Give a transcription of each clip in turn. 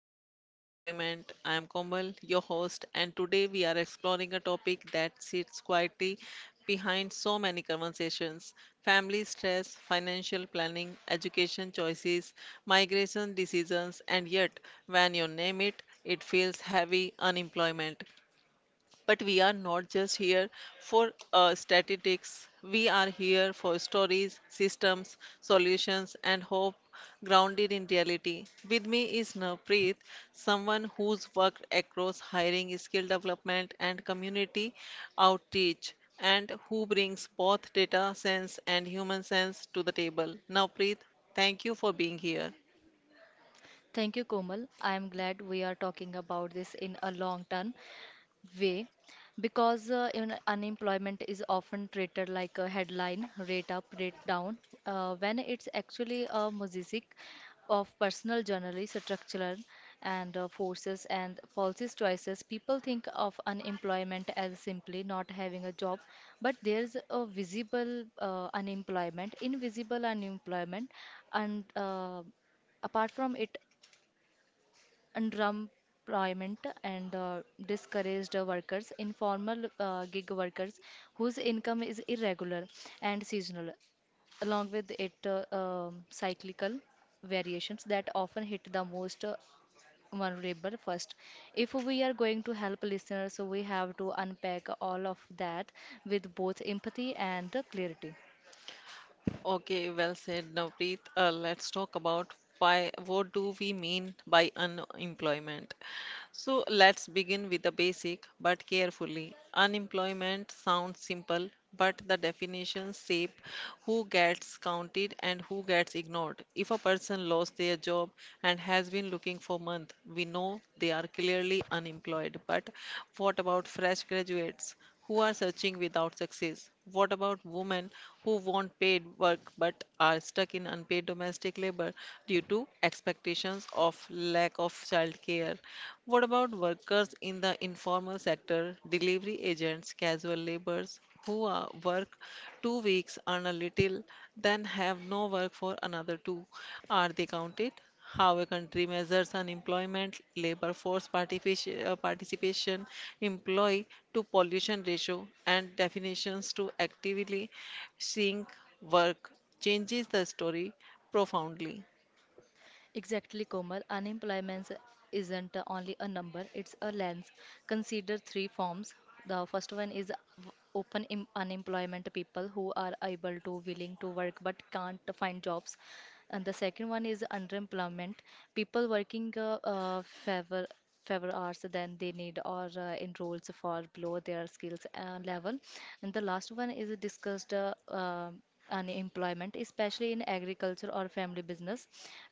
into unemployment. I am Komal, your host, and today we are exploring a topic that sits quietly behind so many conversations: family stress, financial planning, education choices, migration decisions, and yet, when you name it, it feels heavy. Unemployment. But we are not just here for statistics. We are here for stories, systems, solutions, and hope grounded in reality. With me is Navpreet, someone who's worked across hiring, skill development, and community outreach, and who brings both data sense and human sense to the table. Navpreet, thank you for being here. Thank you, Komal. I am glad we are talking about this in a long term way because unemployment is often treated like a headline rate up, rate down, when it's actually a mosaic of personal, generally structural, and forces and policies choices. People think of unemployment as simply not having a job, but there's a visible unemployment, invisible unemployment, and apart from it underemployment and discouraged workers, informal gig workers whose income is irregular and seasonal, along with it cyclical variations that often hit the most vulnerable first. If we are going to help listeners, so we have to unpack all of that with both empathy and clarity. Okay, well said, Navneet. Let's talk about why, what do we mean by unemployment? So let's begin with the basic, but carefully. Unemployment sounds simple, but the definitions shape who gets counted and who gets ignored. If a person lost their job and has been looking for months, we know they are clearly unemployed. But what about fresh graduates who are searching without success? What about women who want paid work but are stuck in unpaid domestic labor due to expectations of lack of childcare? What about workers in the informal sector, delivery agents, casual laborers who are, work 2 weeks, earn a little, then have no work for another two? Are they counted? How a country measures unemployment, labor force participation, participation, employee to pollution ratio, and definitions to actively seeing work changes the story profoundly. Exactly, Komal. Unemployment isn't only a number, it's a lens. Consider three forms. The first one is unemployment, people who are able to, willing to work but can't find jobs. And the second one is underemployment, people working favor fewer hours than they need or enrolls for below their skills level. And the last one is discussed unemployment, especially in agriculture or family business,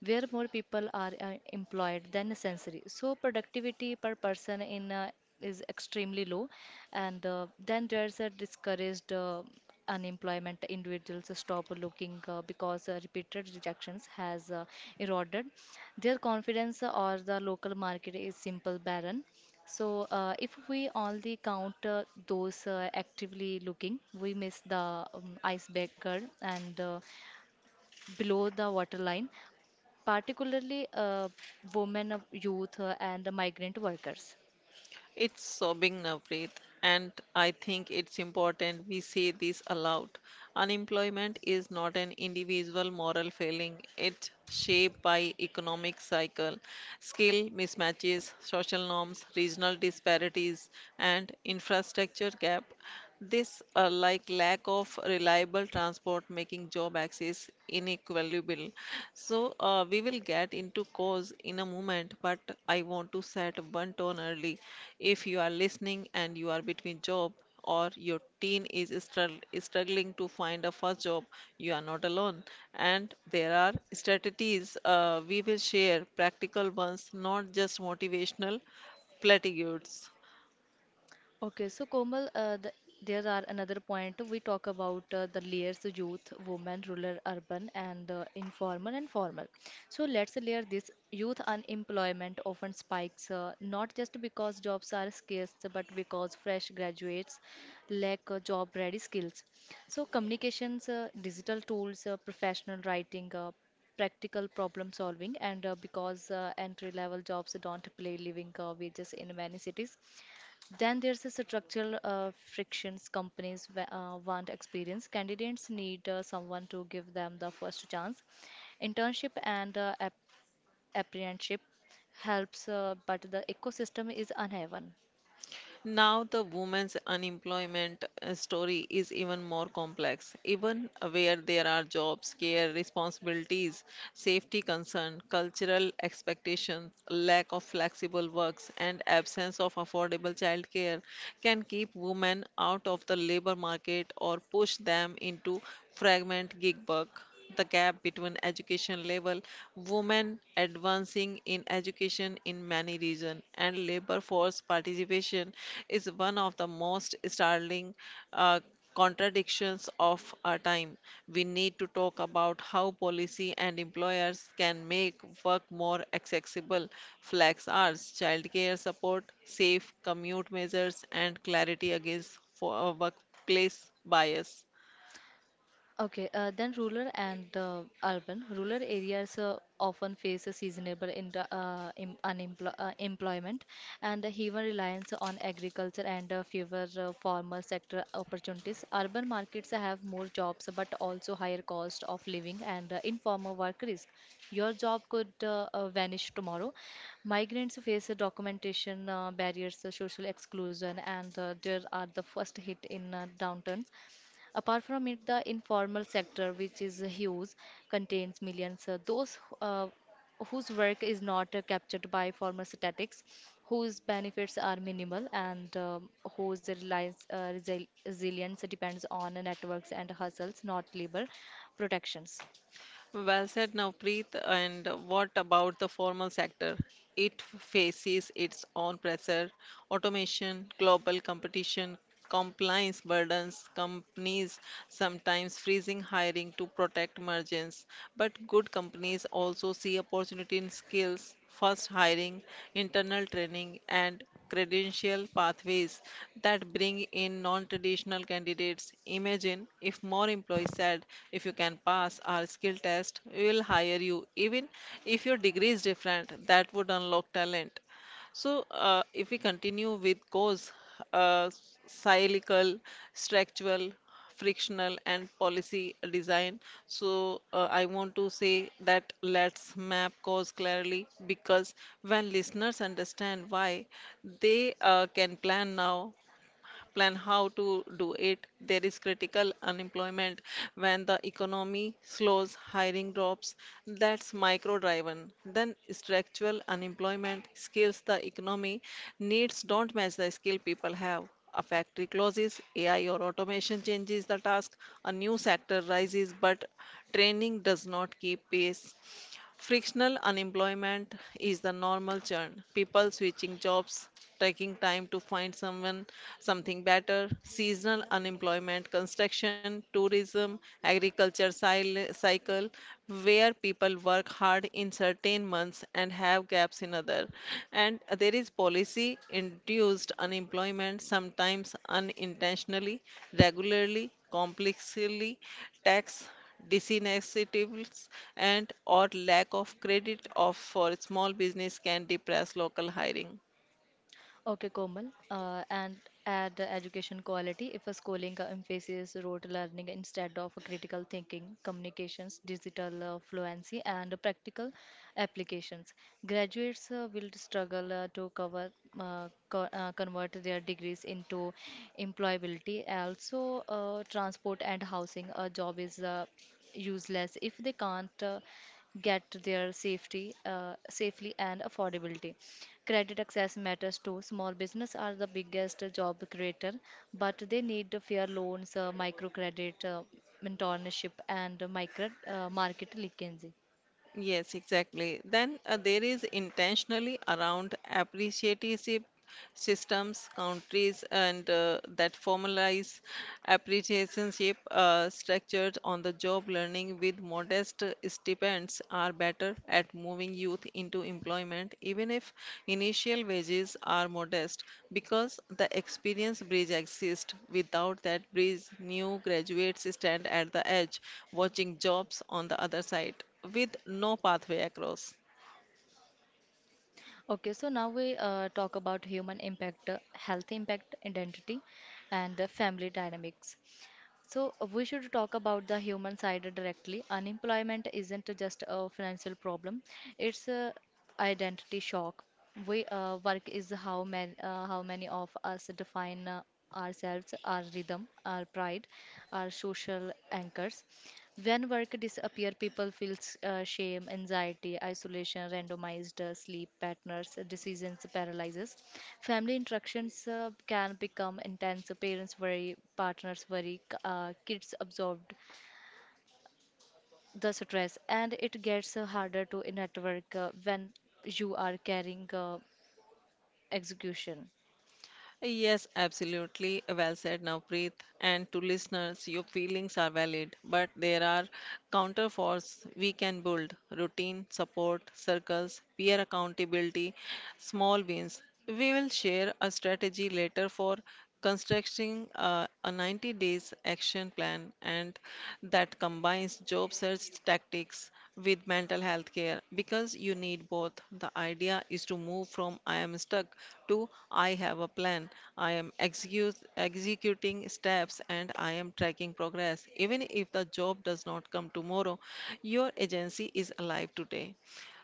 where more people are employed than necessary. So productivity per person in is extremely low, and then there's a discouraged. Unemployment, individuals stop looking because repeated rejections has eroded their confidence or the local market is simple barren, so if we only count those actively looking, we miss the icebreaker and below the waterline, particularly women, youth, and migrant workers. It's sobbing, Navpreet, and I think it's important we say this aloud. Unemployment is not an individual moral failing. It's shaped by economic cycle, skill mismatches, social norms, regional disparities, and infrastructure gap. This like lack of reliable transport making job access inequitable. So we will get into cause in a moment, but I want to set one tone early. If you are listening and you are between job, or your teen is struggling to find a first job, you are not alone. And there are strategies we will share, practical ones, not just motivational platitudes. Okay, so Komal, the, there are another point we talk about the layers: youth, women, rural, urban, and informal and formal. So let's layer this. Youth unemployment often spikes not just because jobs are scarce, but because fresh graduates lack job-ready skills. So communications, digital tools, professional writing, practical problem solving, and because entry level jobs don't pay living wages in many cities. Then there's a structural frictions. Companies want experience. Candidates need someone to give them the first chance. Internship and apprenticeship helps, but the ecosystem is uneven. Now, the women's unemployment story is even more complex. Even where there are jobs, care, responsibilities, safety concern, cultural expectations, lack of flexible works, and absence of affordable childcare can keep women out of the labor market or push them into fragment gig work. The gap between education level, women advancing in education in many regions, and labor force participation is one of the most startling uh, contradictions of our time. We need to talk about how policy and employers can make work more accessible, flex hours, childcare support, safe commute measures, and clarity against for, workplace bias. Okay, then rural and urban. Rural areas often face a seasonable in, em- unemplo employment and a heavy reliance on agriculture, and fewer formal sector opportunities. Urban markets have more jobs but also higher cost of living and informal work risk. Your job could vanish tomorrow. Migrants face documentation barriers, social exclusion, and there are the first hit in downturn. Apart from it, the informal sector, which is huge, contains millions. Those whose work is not captured by formal statistics, whose benefits are minimal, and whose reliance, resilience depends on networks and hustles, not labor protections. Well said, Navpreet. And what about the formal sector? It faces its own pressure, automation, global competition, compliance burdens, companies sometimes freezing hiring to protect margins. But good companies also see opportunity in skills, first hiring, internal training, and credential pathways that bring in non traditional candidates. Imagine if more employees said, if you can pass our skill test, we will hire you, even if your degree is different, that would unlock talent. So, if we continue with cause, uh, cyclical, structural, frictional, and policy design. So, I want to say that let's map cause clearly because when listeners understand why, they can plan now, plan how to do it. There is critical unemployment when the economy slows, hiring drops. That's micro driven. Then structural unemployment, skills the economy needs don't match the skill people have. A factory closes, AI or automation changes the task, a new sector rises, but training does not keep pace. Frictional unemployment is the normal churn. People switching jobs, taking time to find someone something better. Seasonal unemployment, construction, tourism, agriculture cycle, where people work hard in certain months and have gaps in other. And there is policy induced unemployment, sometimes unintentionally, regularly, complexly, tax disinitiatives and or lack of credit of for small business can depress local hiring. Okay, Komal. And add the education quality, if a schooling emphasis rote learning instead of critical thinking, communications, digital fluency, and practical applications. Graduates will struggle to cover convert their degrees into employability. Also, transport and housing. A job is useless if they can't. Get their safety safely and affordability. Credit access matters too, small business are the biggest job creator but they need the fair loans, microcredit, mentorship, and micro market linkage. Yes, exactly. Then there is intentionally around appreciative systems, countries, and that formalize appreciationship structured on the job learning with modest stipends are better at moving youth into employment, even if initial wages are modest, because the experience bridge exists. Without that bridge, new graduates stand at the edge, watching jobs on the other side with no pathway across. Okay, so now we talk about human impact, health impact, identity, and family dynamics. So we should talk about the human side directly. Unemployment isn't just a financial problem; it's a identity shock. We Work is how many of us define ourselves, our rhythm, our pride, our social anchors. When work disappear, people feel shame, anxiety, isolation, randomized sleep patterns, decisions paralyzes. Family interactions can become intense. Parents worry, partners worry, kids absorbed the stress, and it gets harder to network when you are carrying execution. Yes, absolutely. Well said, Navpreet. And to listeners, your feelings are valid, but there are counterforce we can build: routine, support, circles, peer accountability, small wins. We will share a strategy later for constructing a 90 days action plan and that combines job search tactics with mental health care because you need both. The idea is to move from I am stuck to I have a plan. I am executing steps and I am tracking progress. Even if the job does not come tomorrow, your agency is alive today.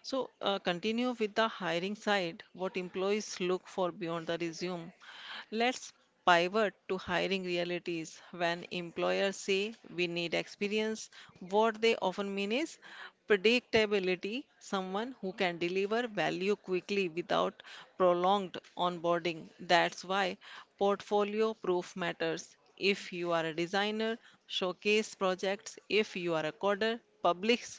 So, continue with the hiring side. What employees look for beyond the resume. Let's pivot to hiring realities. When employers say we need experience, what they often mean is predictability, someone who can deliver value quickly without prolonged onboarding. That's why portfolio proof matters. If you are a designer, showcase projects. If you are a coder, publish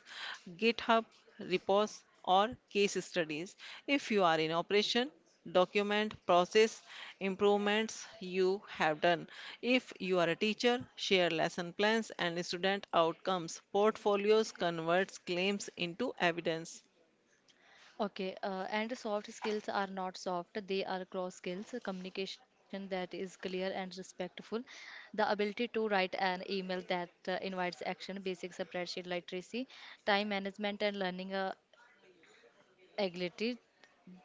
GitHub repos or case studies. If you are in operation, document process improvements you have done. If you are a teacher, share lesson plans and student outcomes. Portfolios converts claims into evidence. Okay, and soft skills are not soft, they are cross skills, communication that is clear and respectful, the ability to write an email that invites action, basic spreadsheet literacy, time management, and learning agility,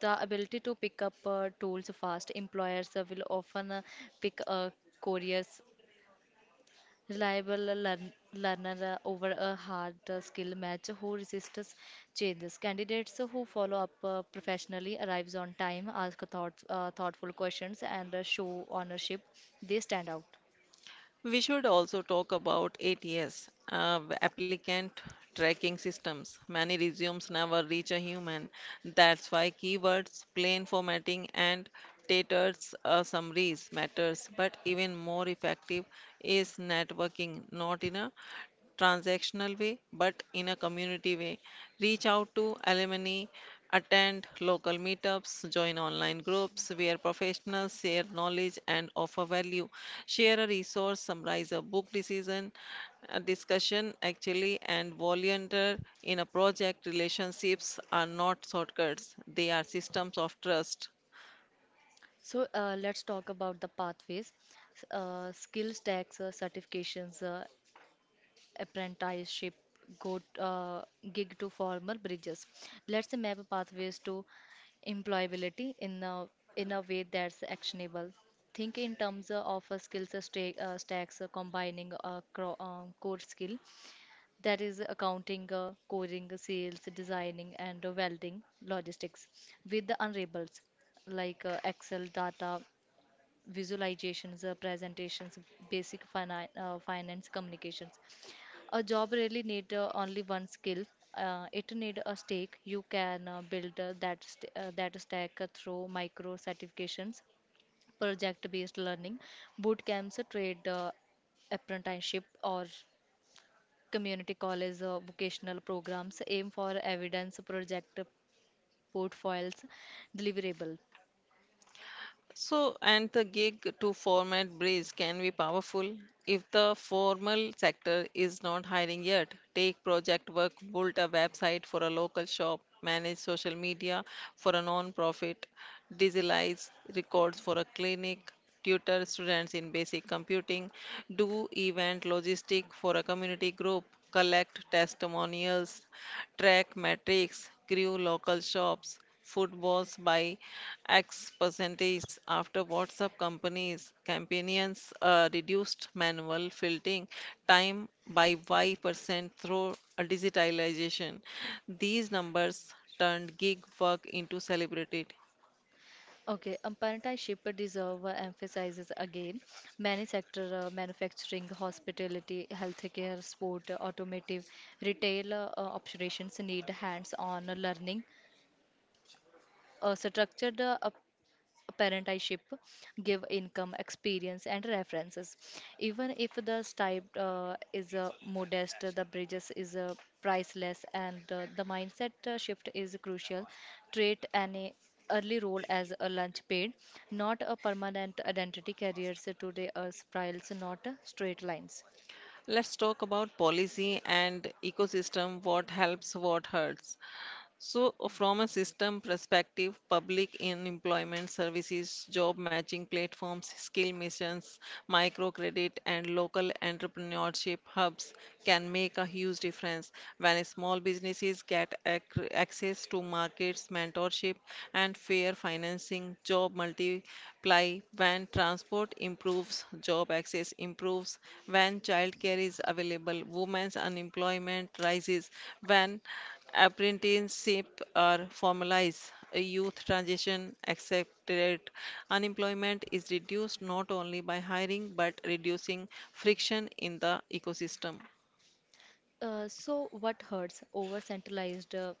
the ability to pick up tools fast. Employers will often pick couriers, reliable learner over a hard skill match who resists changes. Candidates who follow up professionally, arrives on time, ask thoughtful questions, and show ownership, they stand out. We should also talk about ATS, applicant tracking systems. Many resumes never reach a human. That's why keywords, plain formatting, and taters summaries matters. But even more effective is networking, not in a transactional way, but in a community way. Reach out to alumni, attend local meetups, join online groups where professionals share knowledge and offer value. Share a resource, summarize a book decision, a discussion actually, and volunteer in a project. Relationships are not shortcuts, they are systems of trust. So let's talk about the pathways. Skill stacks, certifications, apprenticeship, go gig to formal bridges. Let's map pathways to employability in a way that's actionable. Think in terms of a skills stack, stacks combining a core skill, that is accounting, coding, sales, designing, and welding logistics, with the unreables like excel, data visualizations, presentations, basic finance, communications. A job really need only one skill. It need a stake. You can build that stack through micro certifications, project-based learning, boot camps, trade apprenticeship, or community college vocational programs. Aim for evidence, project portfolios, deliverable. So, and the gig to format bridge can be powerful if the formal sector is not hiring yet. Take project work, build a website for a local shop, manage social media for a non-profit, digitalize records for a clinic, tutor students in basic computing, do event logistic for a community group, collect testimonials, track metrics, grew local shops, footballs by X percentage after WhatsApp companies campaigns reduced manual filtering time by Y percent through digitalization. These numbers turned gig work into celebrated. Okay, Amaranta Shipper deserve emphasizes again. Many sector, manufacturing, hospitality, healthcare, sport, automotive, retail operations need hands-on learning. A structured parentyship give income, experience, and references, even if the stipend is modest, the bridges is priceless, and the mindset shift is crucial. Treat an early role as a lunch paid, not a permanent identity. Careers today are spirals, not straight lines. Let's talk about policy and ecosystem, what helps, what hurts. So, from a system perspective, public in employment services, job matching platforms, skill missions, microcredit, and local entrepreneurship hubs can make a huge difference when small businesses get access to markets, mentorship, and fair financing. Job multiply when transport improves, job access improves, when childcare is available, women's unemployment rises, when apprenticeship are formalized, a youth transition accelerated, unemployment is reduced not only by hiring but reducing friction in the ecosystem. So what hurts? Over centralized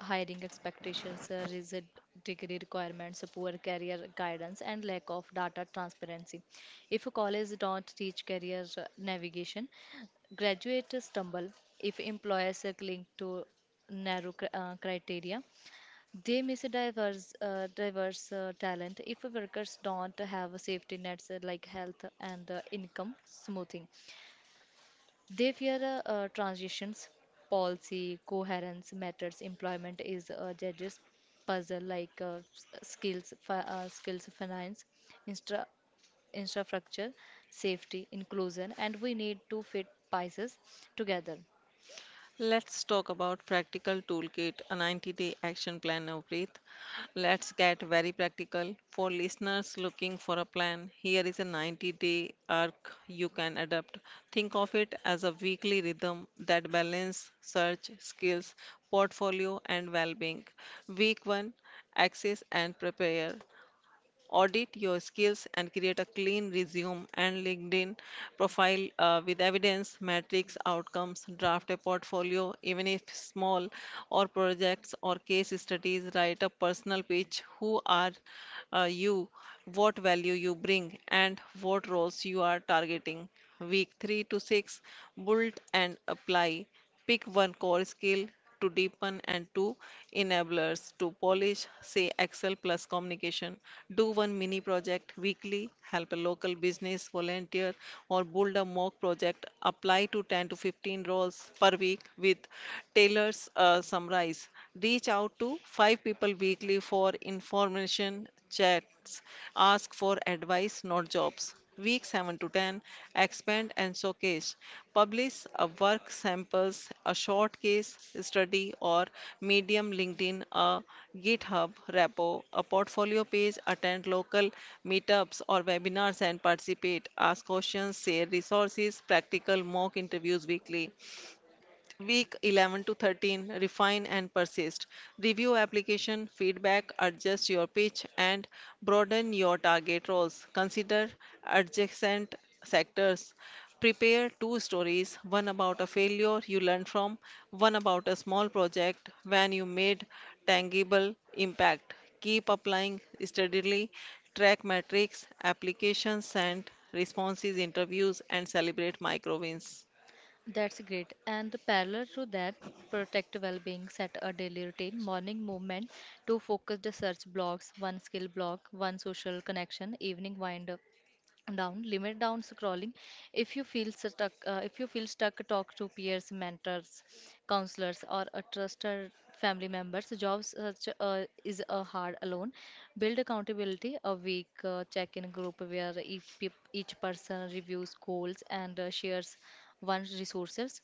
hiring expectations, rigid degree requirements, poor career guidance, and lack of data transparency. If a college don't teach career navigation, graduates stumble. If employers cling to narrow criteria, they miss a diverse talent. If workers don't have safety nets like health and income smoothing, they fear transitions. Policy, coherence, matters, employment is a judge's puzzle, like skills, finance, instra- infrastructure, safety, inclusion, and we need to fit pieces together. Let's talk about practical toolkit, a 90-day action plan of breath. Let's get very practical. For listeners looking for a plan, here is a 90-day arc you can adapt. Think of it as a weekly rhythm that balance search, skills, portfolio and well-being. Week 1, access and prepare. Audit your skills and create a clean resume and LinkedIn profile with evidence metrics outcomes. Draft a portfolio, even if small, or projects or case studies. Write a personal pitch: who are you, what value you bring, and what roles you are targeting. Week 3 to 6, build and apply. Pick one core skill to deepen and two enablers to polish, say Excel plus communication. Do one mini project weekly, help a local business volunteer, or build a mock project. Apply to 10 to 15 roles per week with Taylor's summarize. Reach out to 5 people weekly for information chats, ask for advice, not jobs. Week 7 to 10, expand and showcase. Publish a work samples, a short case study or medium LinkedIn, a GitHub repo, a portfolio page, attend local meetups or webinars and participate. Ask questions, share resources, practical mock interviews weekly. Week 11 to 13, refine and persist. Review application, feedback, adjust your pitch, and broaden your target roles. Consider adjacent sectors. Prepare two stories, one about a failure you learned from, one about a small project when you made tangible impact. Keep applying steadily, track metrics, applications, and responses, interviews, and celebrate micro wins. That's great. And the parallel to that, protect well-being, set a daily routine, morning movement, two focused search blocks, one skill block, one social connection, evening wind up down, limit down scrolling. If you feel stuck, talk to peers, mentors, counselors, or a trusted family members. Jobs such is a hard alone, build accountability, a week check in group where each person reviews goals and shares one's resources.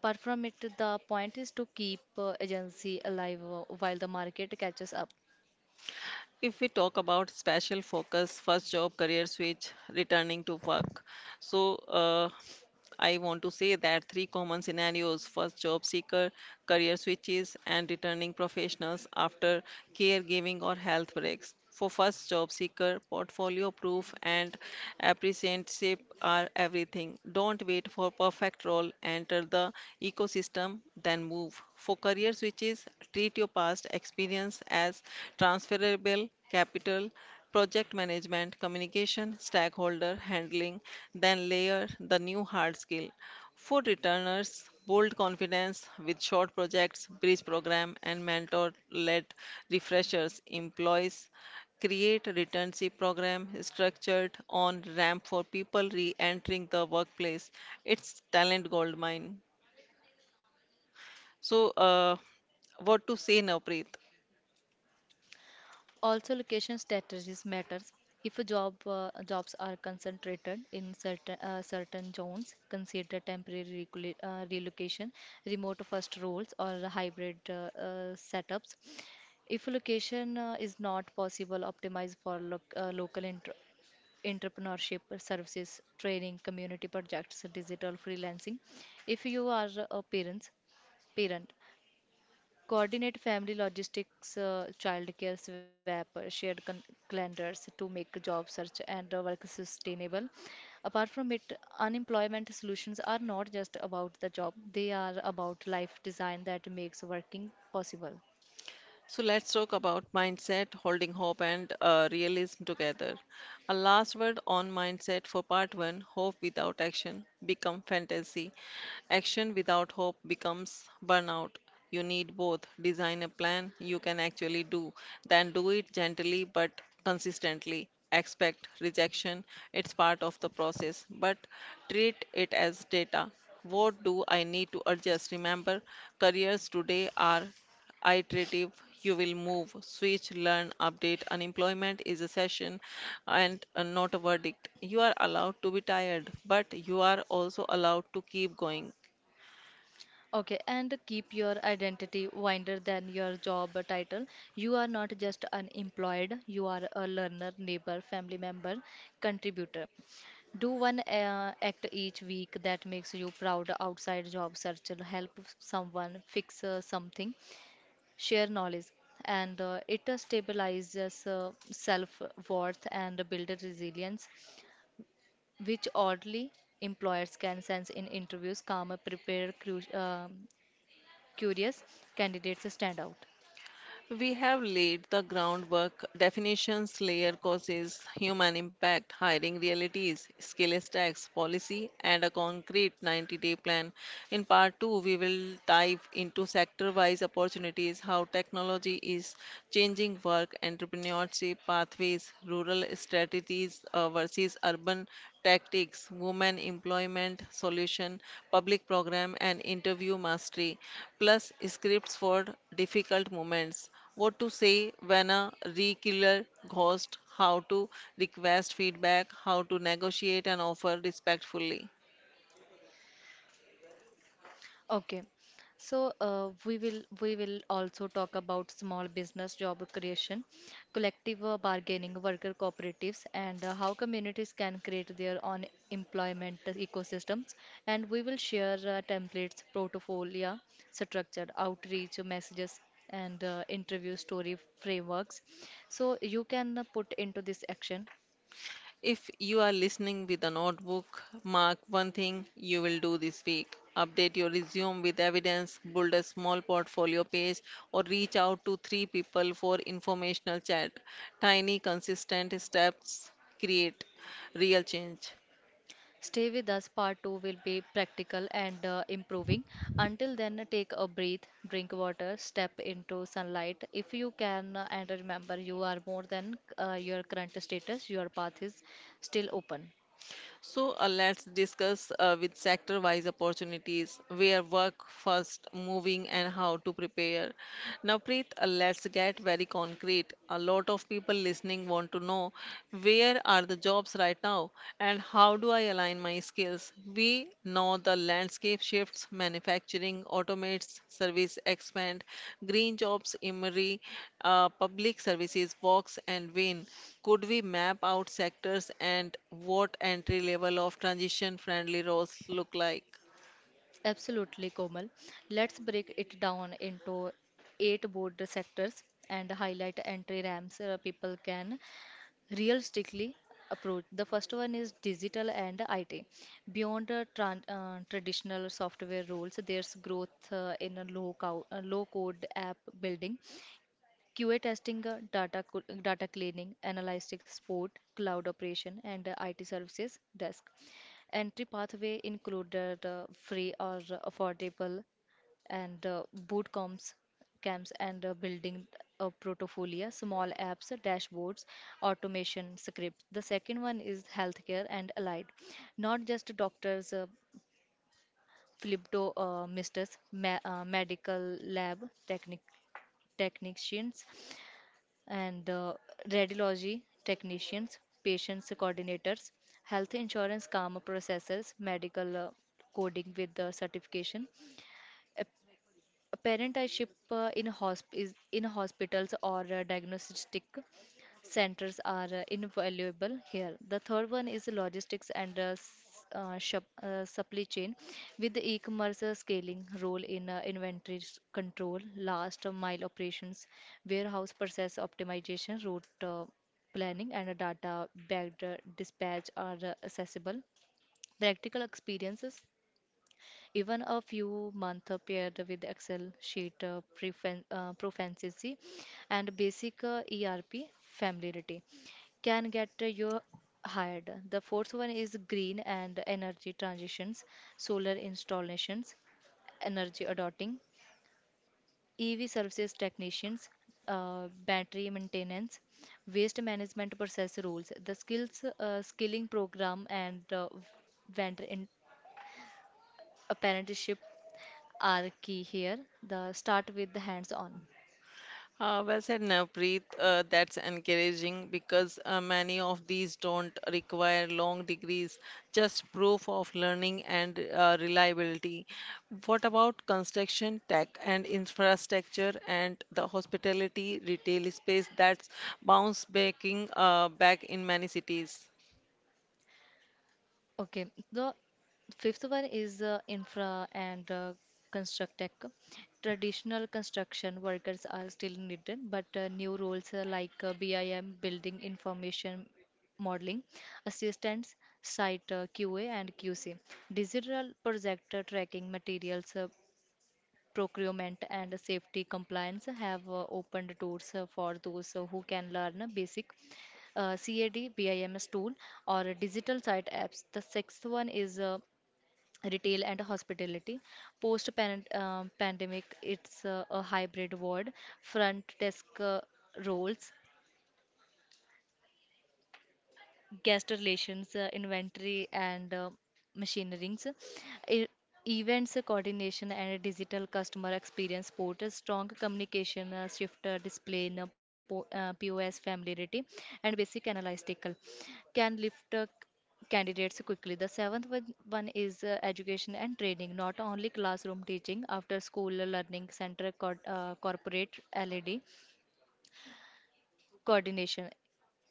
Apart from it, the point is to keep agency alive while the market catches up. If we talk about special focus, first job, career switch, returning to work. So, I want to say that three common scenarios: first, job seeker, career switches, and returning professionals after caregiving or health breaks. For first job seeker, portfolio proof and apprenticeship are everything. Don't wait for perfect role, enter the ecosystem, then move. For career switches, treat your past experience as transferable capital, project management, communication, stakeholder handling, then layer the new hard skill. For returners, bold confidence with short projects, bridge program, and mentor led refreshers. Employees create returnship program structured on ramp for people re-entering the workplace. It's talent goldmine. so uh, what to say now, Preet? Also, location strategies matters. If a job, jobs are concentrated in certain certain zones, consider temporary relocation, remote first roles, or hybrid setups. If location is not possible, optimize for local entrepreneurship services, training, community projects, digital freelancing. If you are a parents, parent, coordinate family logistics, childcare swap, shared calendars to make job search and work sustainable. Apart from it, unemployment solutions are not just about the job, they are about life design that makes working possible. So let's talk about mindset, holding hope, and realism together. A last word on mindset for part one: hope without action become fantasy. Action without hope becomes burnout. You need both. Design a plan you can actually do, then do it gently but consistently. Expect rejection, it's part of the process, but treat it as data. What do I need to adjust? Remember, careers today are iterative. You will move, switch, learn, update. Unemployment is a session and not a verdict. You are allowed to be tired, but you are also allowed to keep going. Okay, and keep your identity wider than your job title. You are not just unemployed, you are a learner, neighbor, family member, contributor. Do one act each week that makes you proud outside job search, help someone fix something, share knowledge, and it stabilizes self-worth and build resilience, which oddly employers can sense in interviews. Calm, prepared, curious candidates stand out. We have laid the groundwork: definitions, layer causes, human impact, hiring realities, skill stacks, policy, and a concrete 90-day plan. In part 2, we will dive into sector wise opportunities, how technology is changing work, entrepreneurship pathways, rural strategies versus urban tactics, women employment solution, public program, and interview mastery, plus scripts for difficult moments. What to say when a regular ghost, how to request feedback, how to negotiate and offer respectfully. Okay, so we will also talk about small business job creation, collective bargaining, worker cooperatives, and how communities can create their own employment ecosystems. And we will share templates, portfolio, structured outreach messages, and interview story frameworks, so you can put into this action. If you are listening with a notebook, mark one thing you will do this week. Update your resume with evidence, build a small portfolio page, or reach out to three people for informational chat. Tiny, consistent steps create real change. Stay with us. Part 2 will be practical and improving. Until then, take a breath, drink water, step into sunlight if you can, and remember you are more than your current status. Your path is still open. Let's discuss with sector wise opportunities, where work first, moving, and how to prepare. Now, Preet, let's get very concrete. A lot of people listening want to know, where are the jobs right now and how do I align my skills? We know the landscape shifts: manufacturing automates, service expand, green jobs emerge, public services walks and win. Could we map out sectors and what entry level of transition friendly roles look like? Absolutely, Komal. Let's break it down into eight board sectors and highlight entry ramps people can realistically approach. The first one is digital and IT. Beyond the traditional software roles, there's growth in a low code app building, QA testing, data, data cleaning, analytics support, cloud operation, and IT services desk. Entry pathway included free or affordable and camps, and building a portfolio, small apps, dashboards, automation scripts. The second one is healthcare and allied, not just doctors, medical lab technic technicians, and radiology technicians, patients coordinators, health insurance karma processors, medical coding with the certification. Parentership in hospitals or diagnostic centers are invaluable here. The third one is logistics and supply chain with the e-commerce scaling role in inventory control, last mile operations, warehouse process optimization, route planning and data backed dispatch are accessible. Practical experiences even a few months paired with Excel sheet proficiency and basic ERP familiarity can get you hired. The fourth one is green and energy transitions, solar installations, energy adopting, EV services technicians, battery maintenance, waste management process rules. The skills skilling program and vendor in apprenticeship are key here. The start with the hands-on. Well said, Navpreet. That's encouraging because many of these don't require long degrees, just proof of learning and reliability. What about construction, tech, and infrastructure, and the hospitality retail space that's bounce baking back in many cities? Okay, the fifth one is infra and construct tech. Traditional construction workers are still needed, but new roles like BIM, building information modeling, assistants, site QA and QC, digital projector tracking materials, procurement and safety compliance have opened doors for those who can learn a basic CAD BIMS tool or a digital site apps. The sixth one is retail and hospitality. Post pandemic, it's a hybrid world. Front desk uh, roles, guest relations, inventory, and machinerings, E- events coordination, and digital customer experience portal, strong communication, shifter display, POS familiarity, and basic analytical can lift candidates quickly. The seventh one is education and training, not only classroom teaching, after school learning center, corporate LED coordination,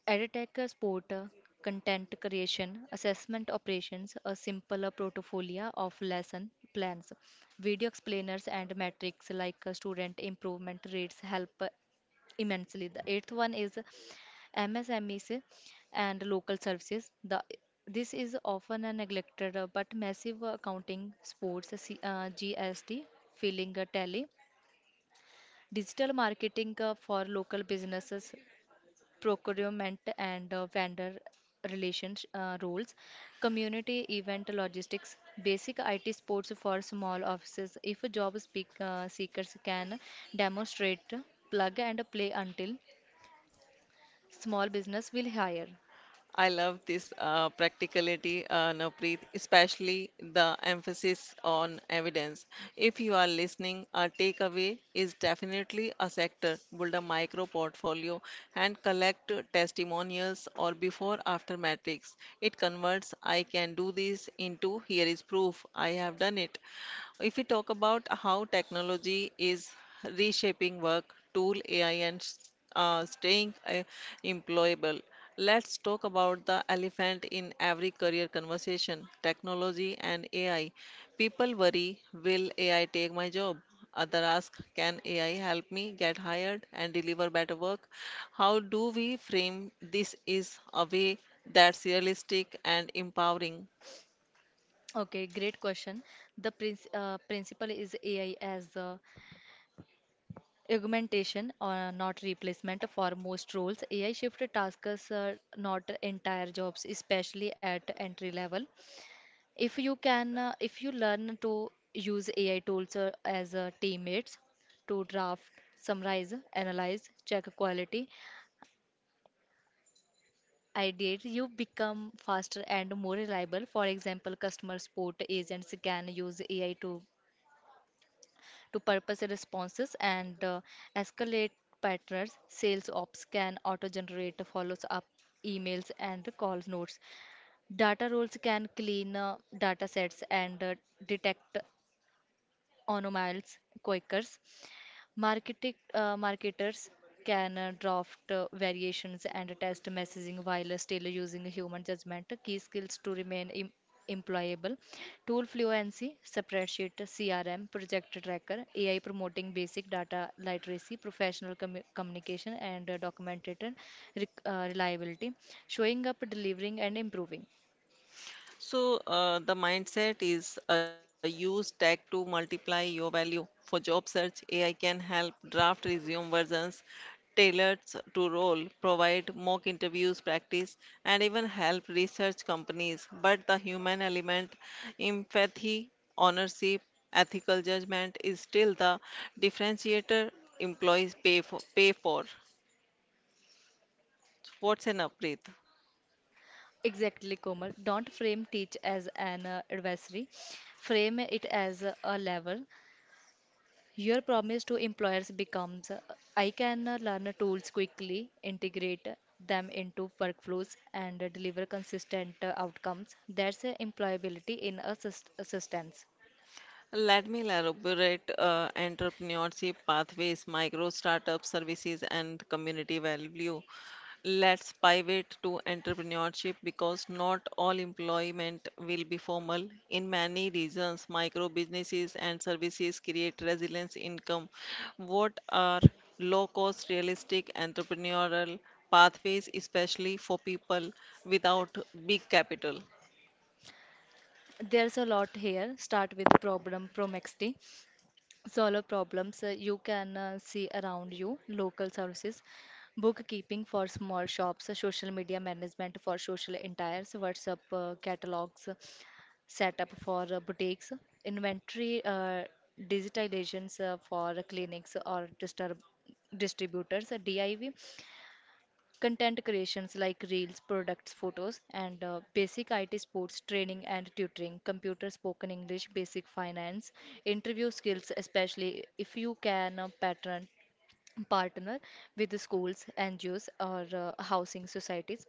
Edtech support, content creation, assessment operations, a simpler portfolio of lesson plans, video explainers, and metrics like student improvement rates help immensely. The eighth one is MSMEs and local services. The this is often a neglected but massive accounting sports, GST, filling a tally, digital marketing for local businesses, procurement and vendor relations roles, community event logistics, basic IT sports for small offices. If job seekers can demonstrate plug and play, until small business will hire. I love this practicality, Navpreet, especially the emphasis on evidence. If you are listening, a takeaway is definitely a sector. Build a micro portfolio and collect testimonials or before after metrics. It converts "I can do this" into "here is proof I have done it." If we talk about how technology is reshaping work, tool, AI, and staying employable, let's talk about the elephant in every career conversation: technology and AI. People worry, will AI take my job? Other ask, can AI help me get hired and deliver better work? How do we frame this is a way that's realistic and empowering? Okay, great question. The principle is AI as augmentation or not replacement for most roles. AI shift tasks, not entire jobs, especially at entry level. If you learn to use AI tools as teammates to draft, summarize, analyze, check quality, ideate, you become faster and more reliable. For example, customer support agents can use AI to purpose responses and escalate patterns. Sales ops can auto-generate follows-up emails and call notes. Data roles can clean data sets and detect onomiles quakers. Marketing marketers can draft variations and test messaging while still using human judgment. Key skills to remain employable: tool fluency, spreadsheet, CRM, project tracker, AI promoting, basic data literacy, professional communication, and documented reliability, showing up, delivering, and improving. So, the mindset is use tech to multiply your value. For job search, AI can help draft resume versions tailored to role, provide mock interviews practice, and even help research companies. But the human element, empathy, ownership, ethical judgment is still the differentiator employees pay for. Pay for. What's an upgrade? Exactly, Komal. Don't frame teach as an adversary. Frame it as a lever. Your promise to employers becomes, I can learn tools quickly, integrate them into workflows, and deliver consistent outcomes. That's employability in a sust- assistance. Let me elaborate entrepreneurship pathways, micro startup services, and community value. Let's pivot to entrepreneurship because not all employment will be formal. In many regions, micro businesses and services create resilience income. What are low cost, realistic entrepreneurial pathways, especially for people without big capital? There's a lot here. Start with the problem promexity. Solve problems you can see around you: local services, bookkeeping for small shops, social media management for social entires, WhatsApp catalogs, setup for boutiques, inventory digitalizations for clinics or disturb distributors div Content creations like reels, products, photos, and basic IT sports, training and tutoring, computer spoken English, basic finance, interview skills, especially if you can pattern partner with the schools, NGOs, or housing societies,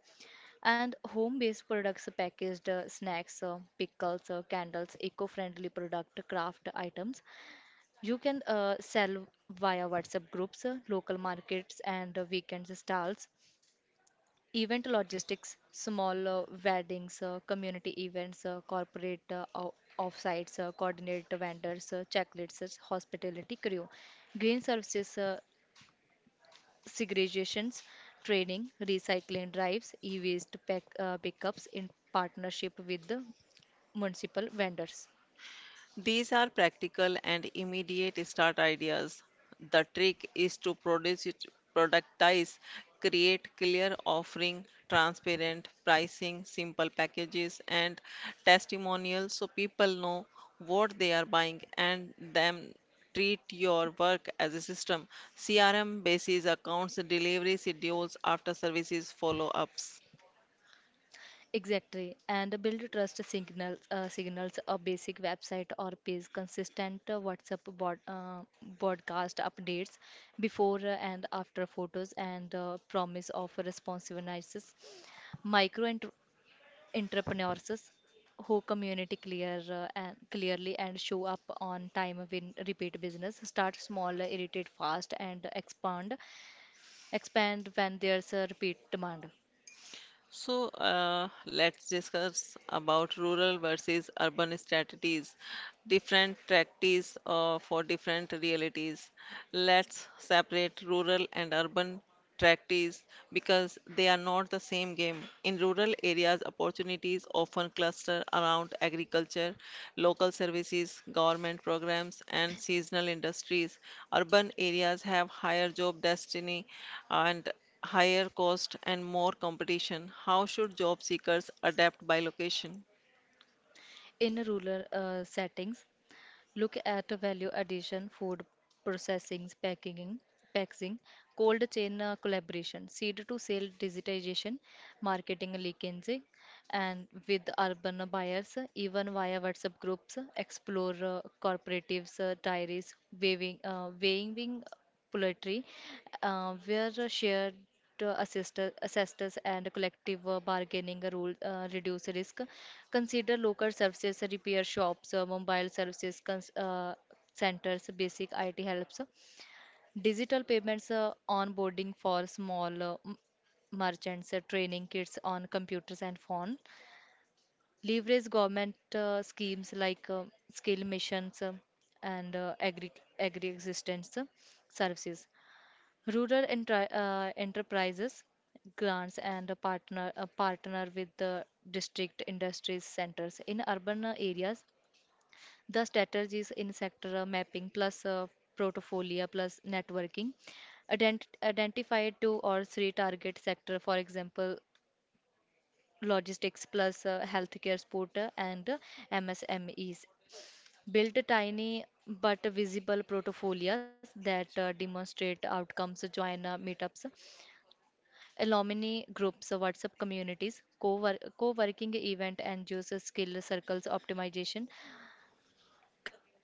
and home-based products, packaged snacks, pickles, candles, eco-friendly product, craft items. You can sell via WhatsApp groups, local markets, and weekend stalls, event logistics, small weddings, community events, corporate offsites, coordinate vendors, checklists, hospitality crew, green services, segregations, training, recycling drives, e-waste pickups in partnership with the municipal vendors. These are practical and immediate start ideas. The trick is to productize, create clear offering, transparent pricing, simple packages, and testimonials so people know what they are buying and then treat your work as a system. CRM bases accounts, delivery schedules, after services follow ups. Exactly, and build trust signals, a basic website or page, consistent WhatsApp bod, broadcast updates, before and after photos, and promise of responsiveness. Micro entrepreneurs who community clear and clearly and show up on time win repeat business. Start small, irritate fast, and expand when there's a repeat demand. Let's discuss about rural versus urban strategies, different tactics for different realities. Let's separate rural and urban tactics because they are not the same game. In rural areas, opportunities often cluster around agriculture, local services, government programs, and seasonal industries. Urban areas have higher job destiny and higher cost and more competition. How should job seekers adapt by location? In rural settings, look at the value addition: food processing, packaging, packaging, cold chain collaboration, seed to sale digitization, marketing linkage, and with urban buyers, even via WhatsApp groups. Explore cooperatives, diaries, weighing, poultry, where shared assistance and collective bargaining rule reduce risk. Consider local services, repair shops, mobile services centers, basic IT helps. Digital payments, onboarding for small merchants, training kits on computers and phone. Leverage government schemes like skill missions and agri existence services. Rural enterprises grants and a partner with the district industries centers. In urban areas, the strategies in sector mapping plus portfolio plus networking. Identify two or three target sector, for example logistics plus healthcare sport and MSMEs. Build tiny but visible portfolios that demonstrate outcomes. Join meetups, alumni groups, WhatsApp communities, co-working event and user skill circles, optimization,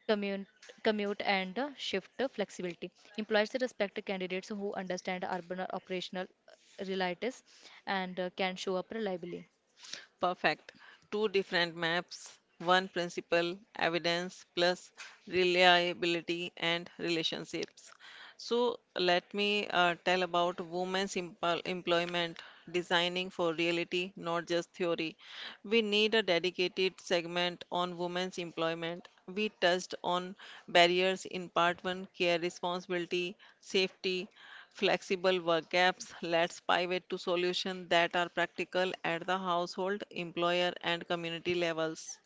commute, commute and shift flexibility. Employers respect candidates who understand urban operational realities and can show up reliably. Perfect. Two different maps, one principle: evidence plus reliability and relationships. So let me tell about employment designing for reality, not just theory. We need a dedicated segment on women's employment. We touched on barriers in part one: care responsibility, safety, flexible work gaps. Let's pivot to solutions that are practical at the household, employer, and community levels.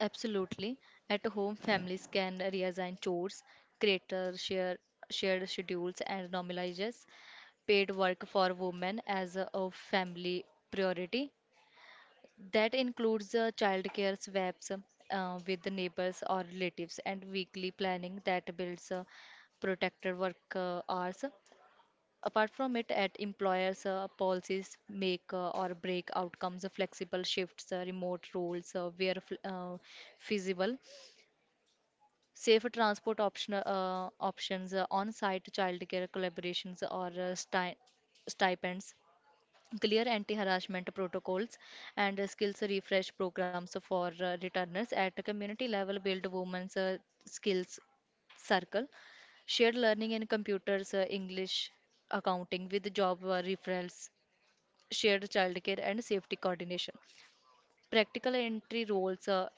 Absolutely. At home, families can reassign chores, create shared schedules, and normalize paid work for women as a family priority. That includes childcare swaps with the neighbors or relatives and weekly planning that builds protected work hours. Apart from it, at employers, policies make or break outcomes: flexible shifts, remote roles where feasible, safe transport options, on-site childcare collaborations or stipends, clear anti-harassment protocols and skills refresh programs for returners. At a community level, build women's skills circle, shared learning in computers, english, accounting, with job referrals, shared childcare and safety coordination, practical entry roles,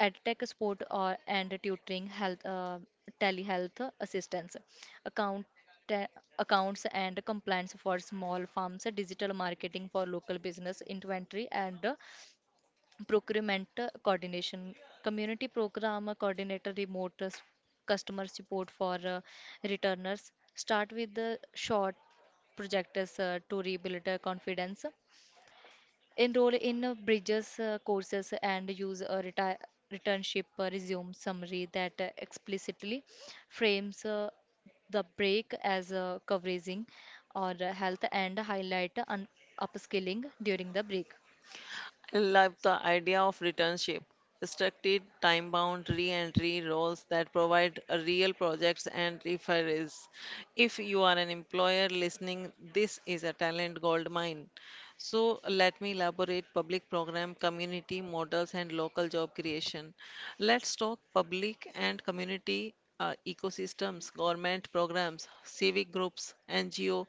Ed tech support or, and tutoring, health, telehealth assistance, account, ta- accounts and compliance for small farms, digital marketing for local business, inventory and procurement coordination, community program coordinator, remote customer support for returners. Start with the short projects to rebuild confidence, enroll in bridges courses, and use a retire returnship resume summary that explicitly frames the break as covering or health, and highlight upskilling during the break. I love the idea of returnship, structured time-bound re-entry roles that provide real projects and referrals. If you are an employer listening, this is a talent gold mine. So let me elaborate public program, community models, and local job creation. Let's talk public and community ecosystems, government programs, civic groups, NGO.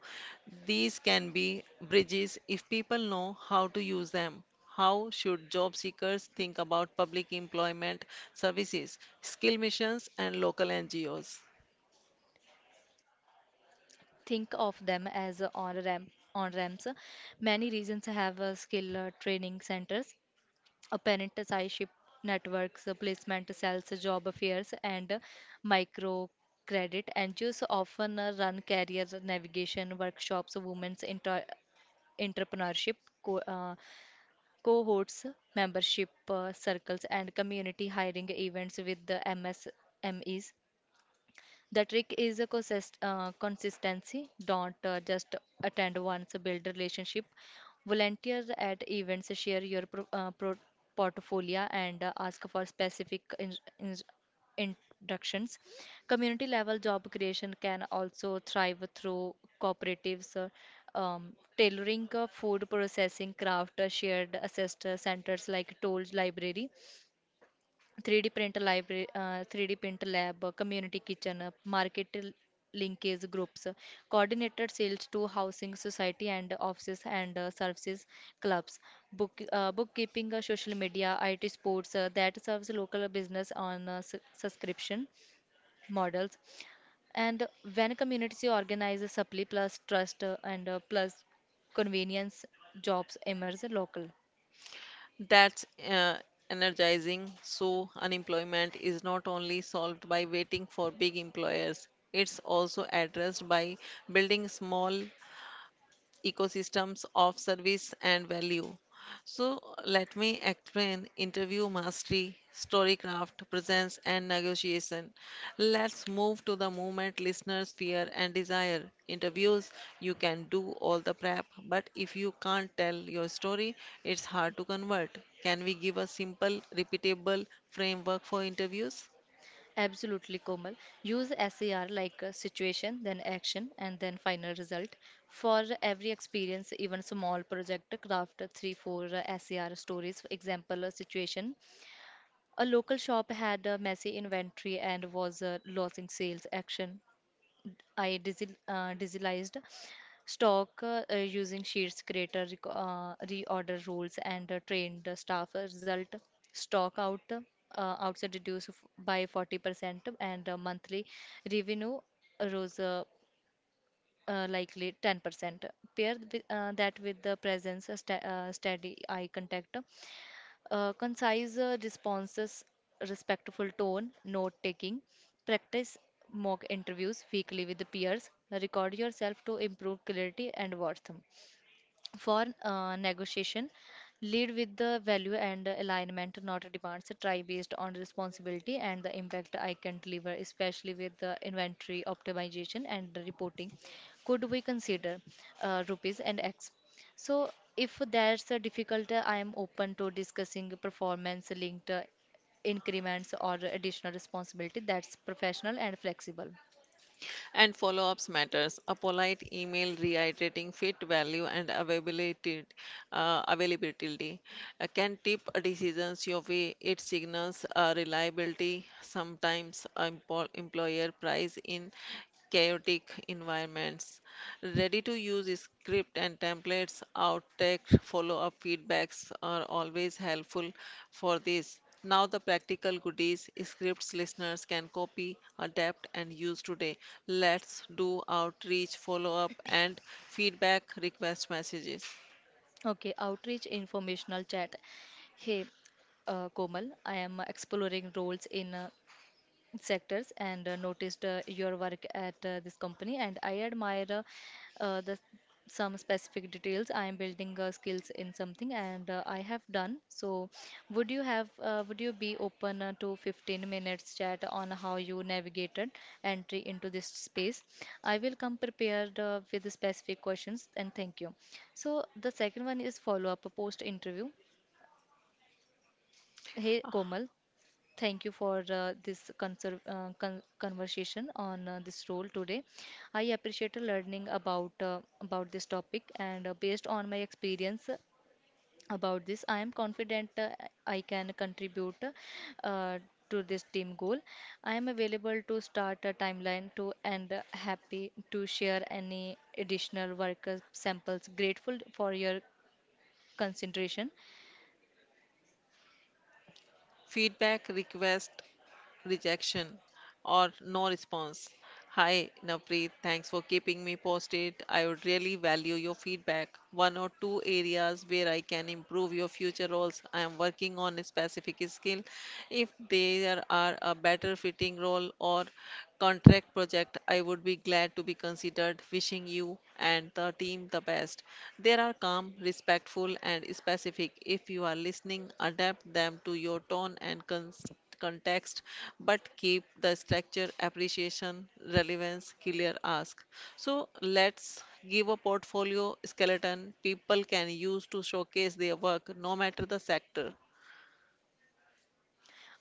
These can be bridges if people know how to use them. How should job seekers think about public employment services, skill missions, and local NGOs? Think of them as on ramps. Many regions have skill training centers, a apprenticeship networks, placement sales, job fairs, and micro credit. NGOs often run career navigation workshops, women's entrepreneurship co- uh, cohorts, membership circles, and community hiring events with the MSMEs. The trick is a consistency. Don't just attend once, build relationship. Volunteer at events, share your portfolio, and ask for specific introductions. Community level job creation can also thrive through cooperatives, tailoring, food processing, craft, shared assist centers like Toll Library, 3D printer library, 3D printer lab, community kitchen, market linkage groups, coordinated sales to housing society and offices, and services clubs, bookkeeping, social media, IT sports that serves local business on subscription models. And when community organizes supply plus trust and plus convenience, jobs emerge local. That's energizing. So, unemployment is not only solved by waiting for big employers, it's also addressed by building small, ecosystems of service and value. So let me explain interview mastery, storycraft, presence, and negotiation. Let's move to the movement listeners' fear and desire. Interviews, you can do all the prep, but if you can't tell your story, it's hard to convert. Can we give a simple, repeatable framework for interviews? Absolutely, Komal. Use SAR like a situation, then action, and then final result. For every experience, even small project, craft three, four SAR stories. For example, a situation: a local shop had a messy inventory and was losing sales. Action: I digitalized stock using sheets, creator rec- reorder rules, and trained the staff. Result: stock outside reduced by 40%, and monthly revenue rose likely 10%. Pair that with the presence, steady eye contact, concise responses, respectful tone, note taking, practice mock interviews weekly with the peers, record yourself to improve clarity and worth for negotiation. Lead with the value and alignment, not demands. Try based on responsibility and the impact I can deliver, especially with the inventory optimization and the reporting. Could we consider rupees and X? So if there's a difficult I am open to discussing performance linked increments or additional responsibility that's professional and flexible. And follow-ups matters. A polite email reiterating fit value and availability, uh, availability can tip decisions your way. It signals reliability. Sometimes employer prize in chaotic environments. Ready to use script and templates, outtake follow up feedbacks are always helpful for this. Now, the practical goodies scripts listeners can copy, adapt, and use today. Let's do outreach, follow up, and feedback request messages. Okay, outreach informational chat. Hey, Komal, I am exploring roles in sectors and noticed your work at this company, and I admire the some specific details. I am building skills in something, and I have done so. Would you have would you be open to 15 minutes chat on how you navigated entry into this space? I will come prepared with the specific questions, and thank you. So the second one is follow up post interview. Hey, Komal. Thank you for this conversation on this role today. I appreciate learning about this topic, and based on my experience about this, I am confident I can contribute uh, to this team goal. I am available to start a timeline to and happy to share any additional work samples. Grateful for your consideration. Feedback request, rejection, or no response. Hi, Navpreet. Thanks for keeping me posted. I would really value your feedback. One or two areas where I can improve your future roles. I am working on a specific skill. If there are a better fitting role or contract project, I would be glad to be considered. Wishing you and the team the best. They are calm, respectful, and specific. If you are listening, adapt them to your tone and context, but keep the structure: appreciation, relevance, clear ask. So let's give a portfolio skeleton people can use to showcase their work no matter the sector.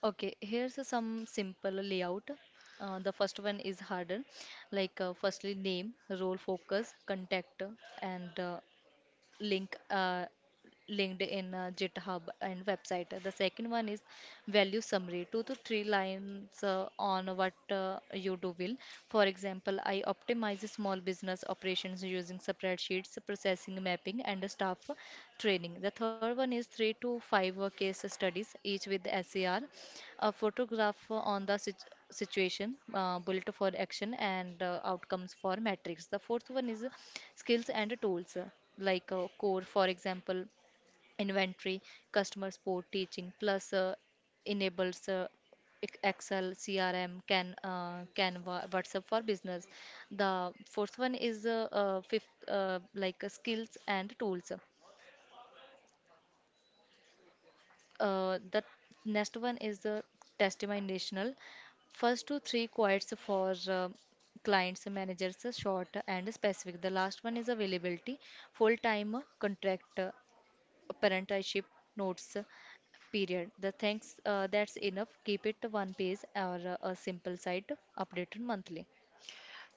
Okay, here's a some simple layout. The first one is harder, like firstly name, role focus, contact, and link uh, linked in GitHub and website. The second one is value summary, two to three lines on what you do will. For example, I optimize small business operations using spreadsheets, processing mapping, and staff training. The third one is three to five case studies, each with SER, a photograph on the situation, bullet for action, and outcomes for metrics. The fourth one is skills and tools like a core, for example, inventory, customer support, teaching, plus enables Excel, CRM, Canva, WhatsApp for business. The fourth one is fifth, like skills and tools. The next one is the testimonial. First 2-3 quotes for clients, managers, short and specific. The last one is availability, full-time contract, parentalship notes period. The thanks that's enough. Keep it one page or a simple site updated monthly.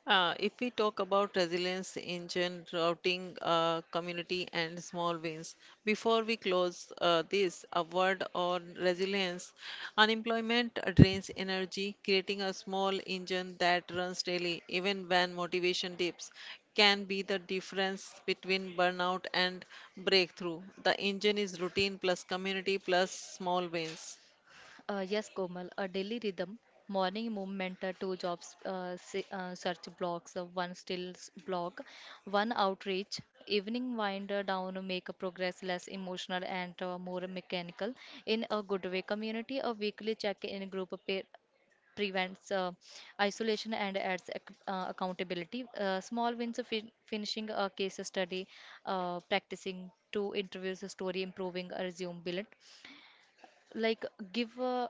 If we talk about resilience, engine, routing, community, and small wins, before we close this, a word on resilience. Unemployment drains energy. Creating a small engine that runs daily, even when motivation dips, can be the difference between burnout and breakthrough. The engine is routine plus community plus small wins. Yes, Komal, a daily rhythm, morning movement, two jobs, search blocks, one stills block, one outreach, evening wind down, make a progress less emotional and more mechanical. In a good way, community, a weekly check in group, prevents isolation and adds accountability. Small wins of finishing a case study, practicing two interviews, a story improving, a resume bullet. Like give a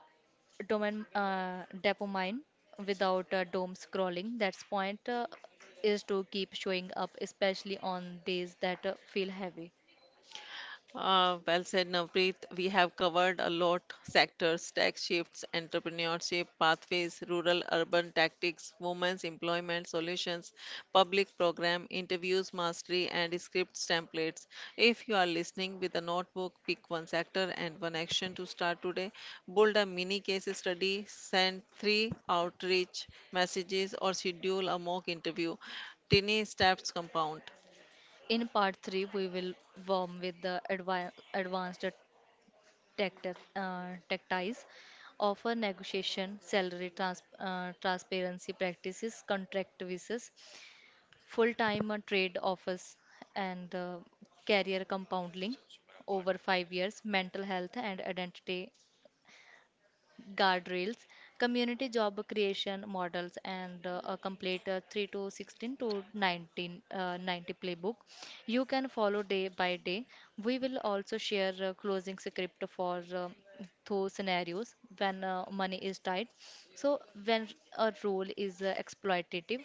domain dopamine without dome scrolling. That's point is to keep showing up, especially on days that feel heavy. Well said, Navpreet. We have covered a lot: sectors, tax shifts, entrepreneurship, pathways, rural urban tactics, women's employment solutions, public program, interviews mastery, and scripts templates. If you are listening with a notebook, pick one sector and one action to start today. Build a mini case study, send three outreach messages, or schedule a mock interview. Tiny steps compound. In part 3, we will warm with the advanced tactics, offer negotiation, salary transparency practices, contract visas, full-time trade offers, and career compounding over 5 years, mental health and identity guardrails, community job creation models, and a complete 3 to 16 to 19, 90 playbook. You can follow day by day. We will also share closing script for those scenarios when money is tight. So, when a role is exploitative,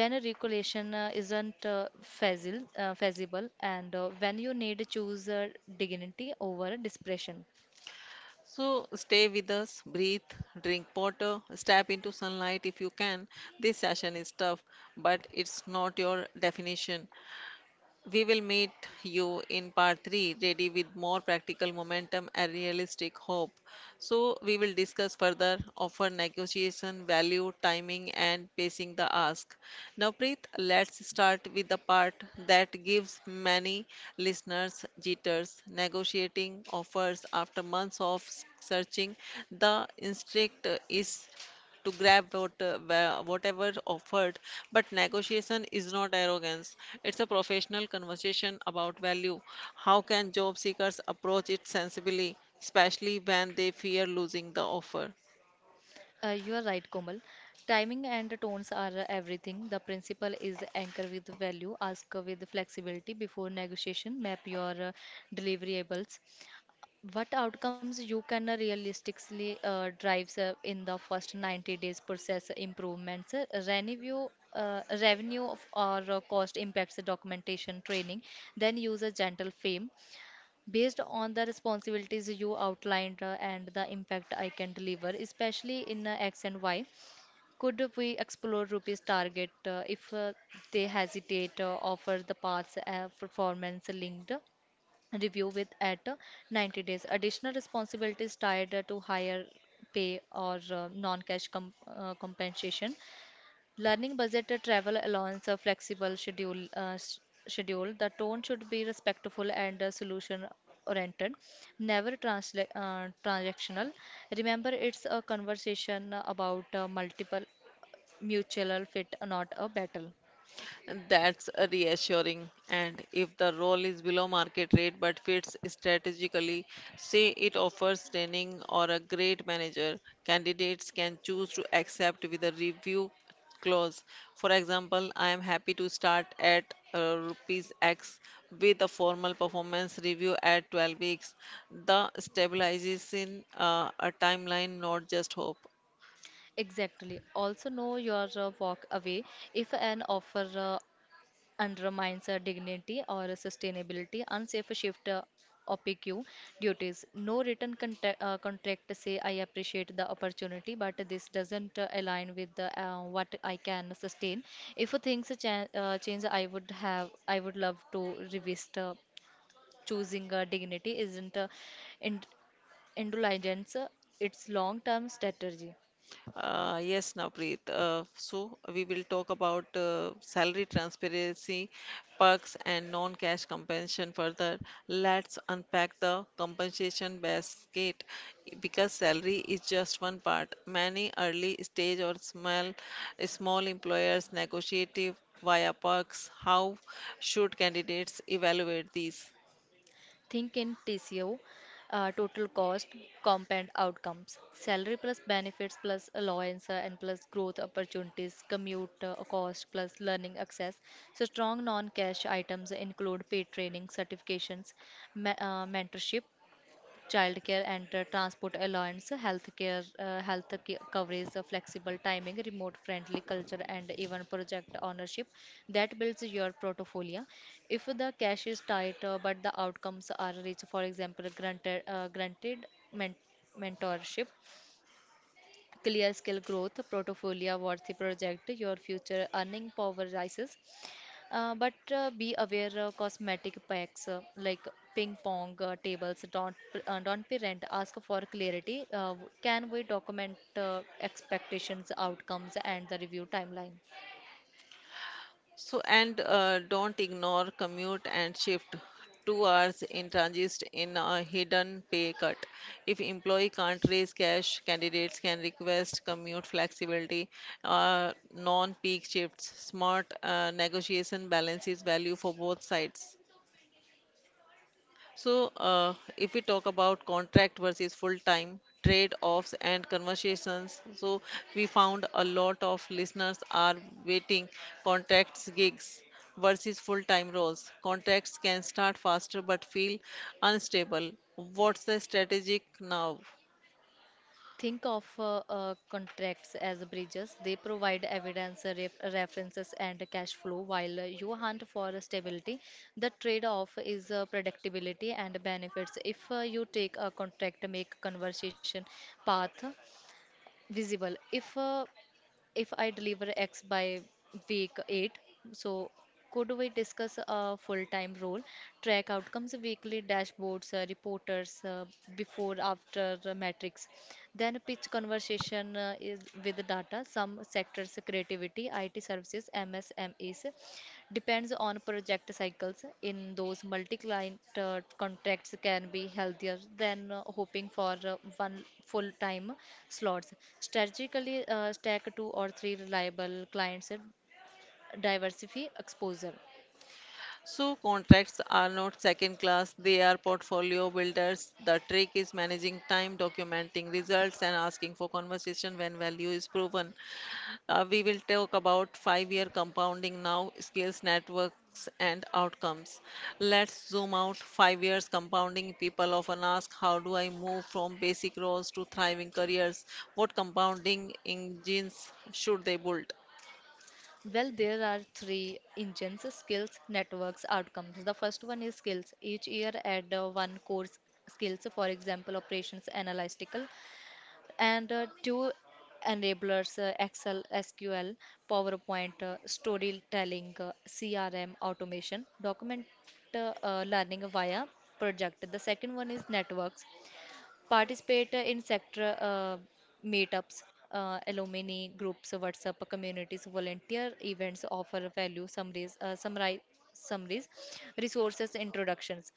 when a regulation isn't feasible, and when you need to choose dignity over desperation. So stay with us, breathe, drink water, step into sunlight if you can. This session is tough, but it's not your definition. We will meet you in part 3, ready with more practical momentum and realistic hope. So, we will discuss further offer negotiation, value, timing, and pacing the ask. Now, Preet, let's start with the part that gives many listeners jitters: negotiating offers after months of searching. The instinct is to grab whatever offered. But negotiation is not arrogance, it's a professional conversation about value. How can job seekers approach it sensibly, especially when they fear losing the offer? You are right, Komal. Timing and tones are everything. The principle is anchor with value, ask with flexibility before negotiation, map your deliverables. What outcomes you can realistically drive in the first 90 days process improvements, revenue or cost impacts documentation training, then use a gentle frame based on the responsibilities you outlined and the impact I can deliver, especially in X and Y. Could we explore Rupee's target if they hesitate offer the paths performance linked review with at 90 days? Additional responsibilities tied to higher pay or non-cash compensation. Learning budget, a travel allowance, a flexible schedule. The tone should be respectful and solution oriented, never transactional. Remember, it's a conversation about multiple mutual fit, not a battle. That's reassuring. And if the role is below market rate but fits strategically, say it offers training or a great manager, candidates can choose to accept with a review clause. For example, I am happy to start at rupees X with a formal performance review at 12 weeks. The stabilizes in a timeline, not just hope. Exactly. Also, know your walk away if an offer undermines our dignity or sustainability. Unsafe shift, OPQ duties. No written contract, say I appreciate the opportunity, but this doesn't align with what I can sustain. If things change, I would love to revisit choosing dignity isn't ind- indulgence. It's long-term strategy. Yes, Navpreet. So we will talk about salary transparency, perks, and non-cash compensation further. Let's unpack the compensation basket because salary is just one part. Many early stage or small employers negotiate via perks. How should candidates evaluate these? Think in TCO, total cost, compound outcomes, salary plus benefits plus allowance and plus growth opportunities, commute cost plus learning access. So strong non-cash items include paid training, certifications, mentorship, childcare and transport allowance, healthcare, coverage, flexible timing, remote friendly culture, and even project ownership that builds your portfolio. If the cash is tight but the outcomes are rich, for example, granted men- mentorship, clear skill growth, portfolio worthy project, your future earning power rises. But be aware of cosmetic packs like ping pong tables. Don't parent. Ask for clarity. Can we document expectations, outcomes, and the review timeline? So, and don't ignore commute and shift. 2 hours in transit in a hidden pay cut. If employee can't raise cash, candidates can request commute flexibility, non-peak shifts. Smart negotiation balances value for both sides. So, if we talk about contract versus full time trade offs and conversations, so we found a lot of listeners are waiting contracts gigs versus full time roles. Contracts can start faster but feel unstable. What's the strategic now? Think of contracts as bridges. They provide evidence, references, and cash flow, while you hunt for stability. The trade off is predictability and benefits. If you take a contract, make conversation path visible. If I deliver X by week 8, so could we discuss a full-time role, track outcomes, weekly dashboards, reporters, before, after metrics, then pitch conversation is with the data, some sectors, creativity, IT services, MSMEs, depends on project cycles. In those multi-client contracts can be healthier than hoping for one full time slots. Strategically stack two or three reliable clients and diversify exposure. So, contracts are not second class, they are portfolio builders. The trick is managing time, documenting results, and asking for conversation when value is proven. We will talk about 5 year compounding now: skills, networks, and outcomes. Let's zoom out. 5 years compounding. People often ask, how do I move from basic roles to thriving careers? What compounding engines should they build? Well, there are three engines: skills, networks, outcomes. The first one is skills. Each year add one course skills, for example, operations analytical, and two enablers, Excel, SQL, PowerPoint, storytelling, CRM automation document, learning via project. The second one is networks. Participate in sector meetups, alumni groups, WhatsApp communities, volunteer events, offer value summaries, summaries, resources, introductions.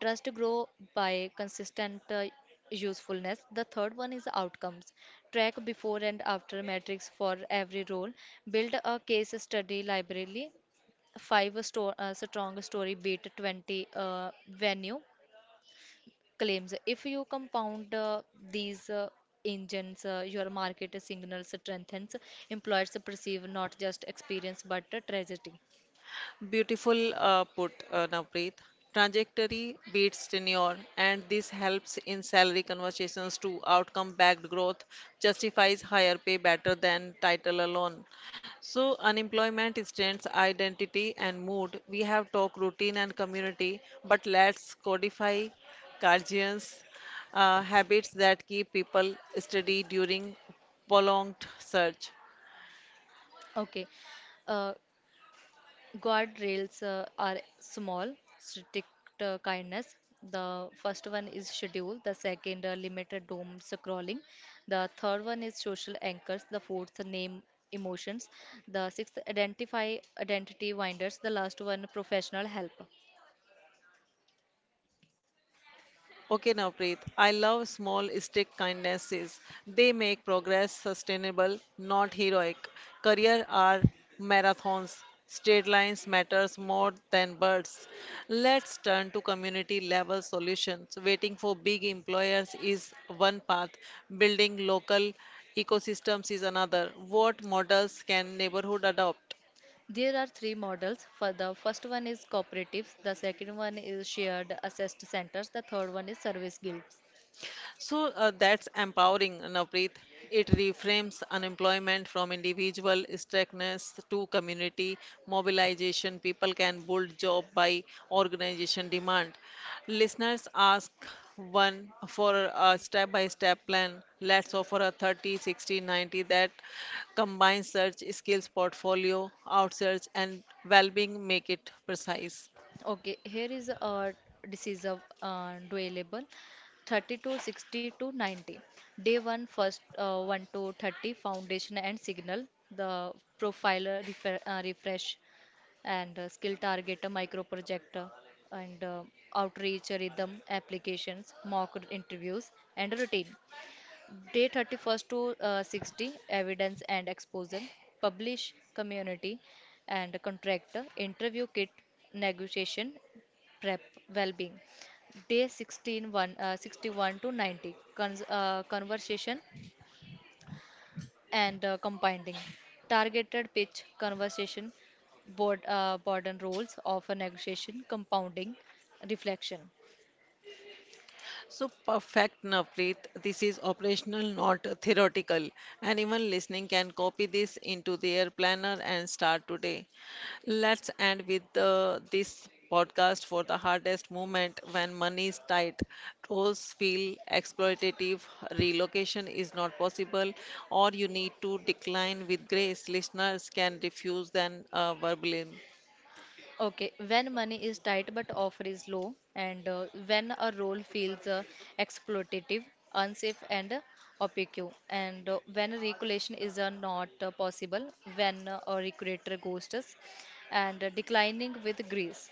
Trust grow by consistent usefulness. The third one is outcomes. Track before and after metrics for every role. Build a case study library. Five strong story beat 20 venue claims. If you compound these engines, your market signal strengthens. Employers perceive not just experience but a tragedy. Beautiful put, Navpreet. Trajectory beats tenure, and this helps in salary conversations too. Outcome backed growth justifies higher pay better than title alone. So, unemployment strengths identity and mood. We have talked routine and community, but let's codify guardians' habits that keep people steady during prolonged search. Okay, uh, guardrails are small, strict kindness. The first one is schedule, the second, limited doom scrolling, the third one is social anchors, the fourth, name emotions, the sixth, identify identity winders, the last one, professional help. Okay, Navpreet, I love small stick kindnesses. They make progress sustainable, not heroic. Career are marathons. Straight lines matters more than birds. Let's turn to community level solutions. Waiting for big employers is one path. Building local ecosystems is another. What models can neighborhood adopt? There are three models. For the first one is cooperatives, the second one is shared assessed centers, the third one is service guilds. That's empowering, Navpreet. It reframes unemployment from individual strictness to community mobilization. People can build job by organization demand. Listeners ask one for a step-by-step plan. Let's offer a 30, 60, 90 that combines search, skills portfolio, outsearch, and well-being. Make it precise. Okay, here is a disease of doable 30 to 60 to 90. Day one, first 1 to 30, foundation and signal, the profiler, refresh, and skill targeter, micro projector, and outreach rhythm applications, mock interviews, and routine. Day 31st to 60, evidence and exposure, publish community and contractor, interview kit, negotiation, prep, well-being. Day 16, one, 61 to 90, cons conversation and compounding. Targeted pitch, conversation, board and roles of a negotiation, compounding, reflection. So perfect, Navpreet. This is operational, not theoretical. Anyone listening can copy this into their planner and start today. Let's end with the, this podcast for the hardest moment when money is tight. Roles feel exploitative, relocation is not possible, or you need to decline with grace. Listeners can refuse than verbally. Okay, when money is tight but offer is low, and when a role feels exploitative, unsafe, and opaque, and when regulation is not possible, when a recruiter ghosts us, and declining with grace.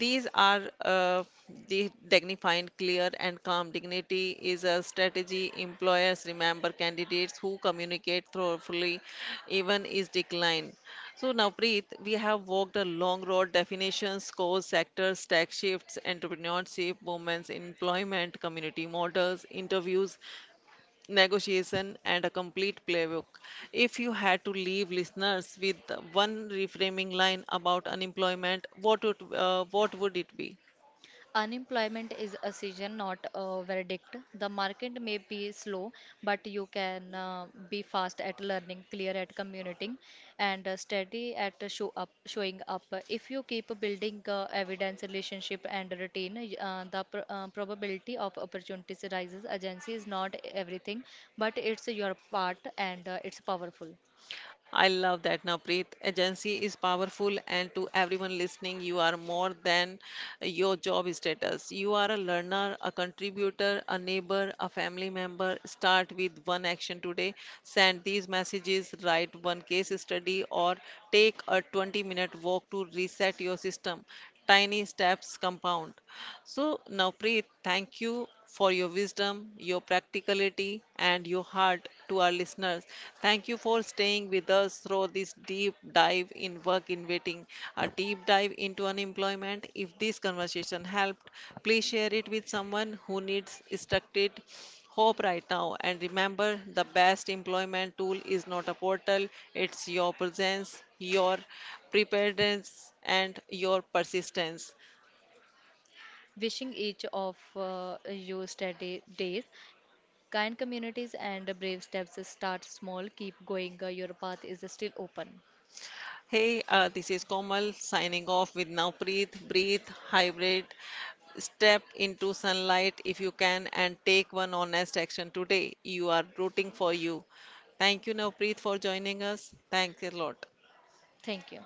These are the dignified, clear, and calm. Dignity is a strategy. Employers remember candidates who communicate thoroughly, even is decline. So now, Preet, we have walked a long road: definitions, scores, sectors, tech shifts, entrepreneurship, movements, employment, community models, interviews, negotiation, and a complete playbook. If you had to leave listeners with one reframing line about unemployment, what would it be? Unemployment is a season, not a verdict. The market may be slow, but you can be fast at learning, clear at communicating, and steady at showing up. If you keep building evidence, relationship, and routine, the probability of opportunities rises. Agency is not everything, but it's your part, and it's powerful. I love that, Navpreet. Agency is powerful, and to everyone listening, you are more than your job status. You are a learner, a contributor, a neighbor, a family member. Start with one action today. Send these messages, write one case study, or take a 20-minute walk to reset your system. Tiny steps compound. So, Navpreet, thank you for your wisdom, your practicality, and your heart to our listeners. Thank you for staying with us through this deep dive in work in waiting, a deep dive into unemployment. If this conversation helped, please share it with someone who needs structured hope right now. And remember, the best employment tool is not a portal, it's your presence, your preparedness, and your persistence. Wishing each of you steady days. Kind communities and brave steps, start small. Keep going. Your path is still open. Hey, this is Komal signing off with Now Breathe, Breathe, Hybrid. Step into sunlight if you can and take one honest action today. You are rooting for you. Thank you, Navpreet, for joining us. Thanks a lot. Thank you.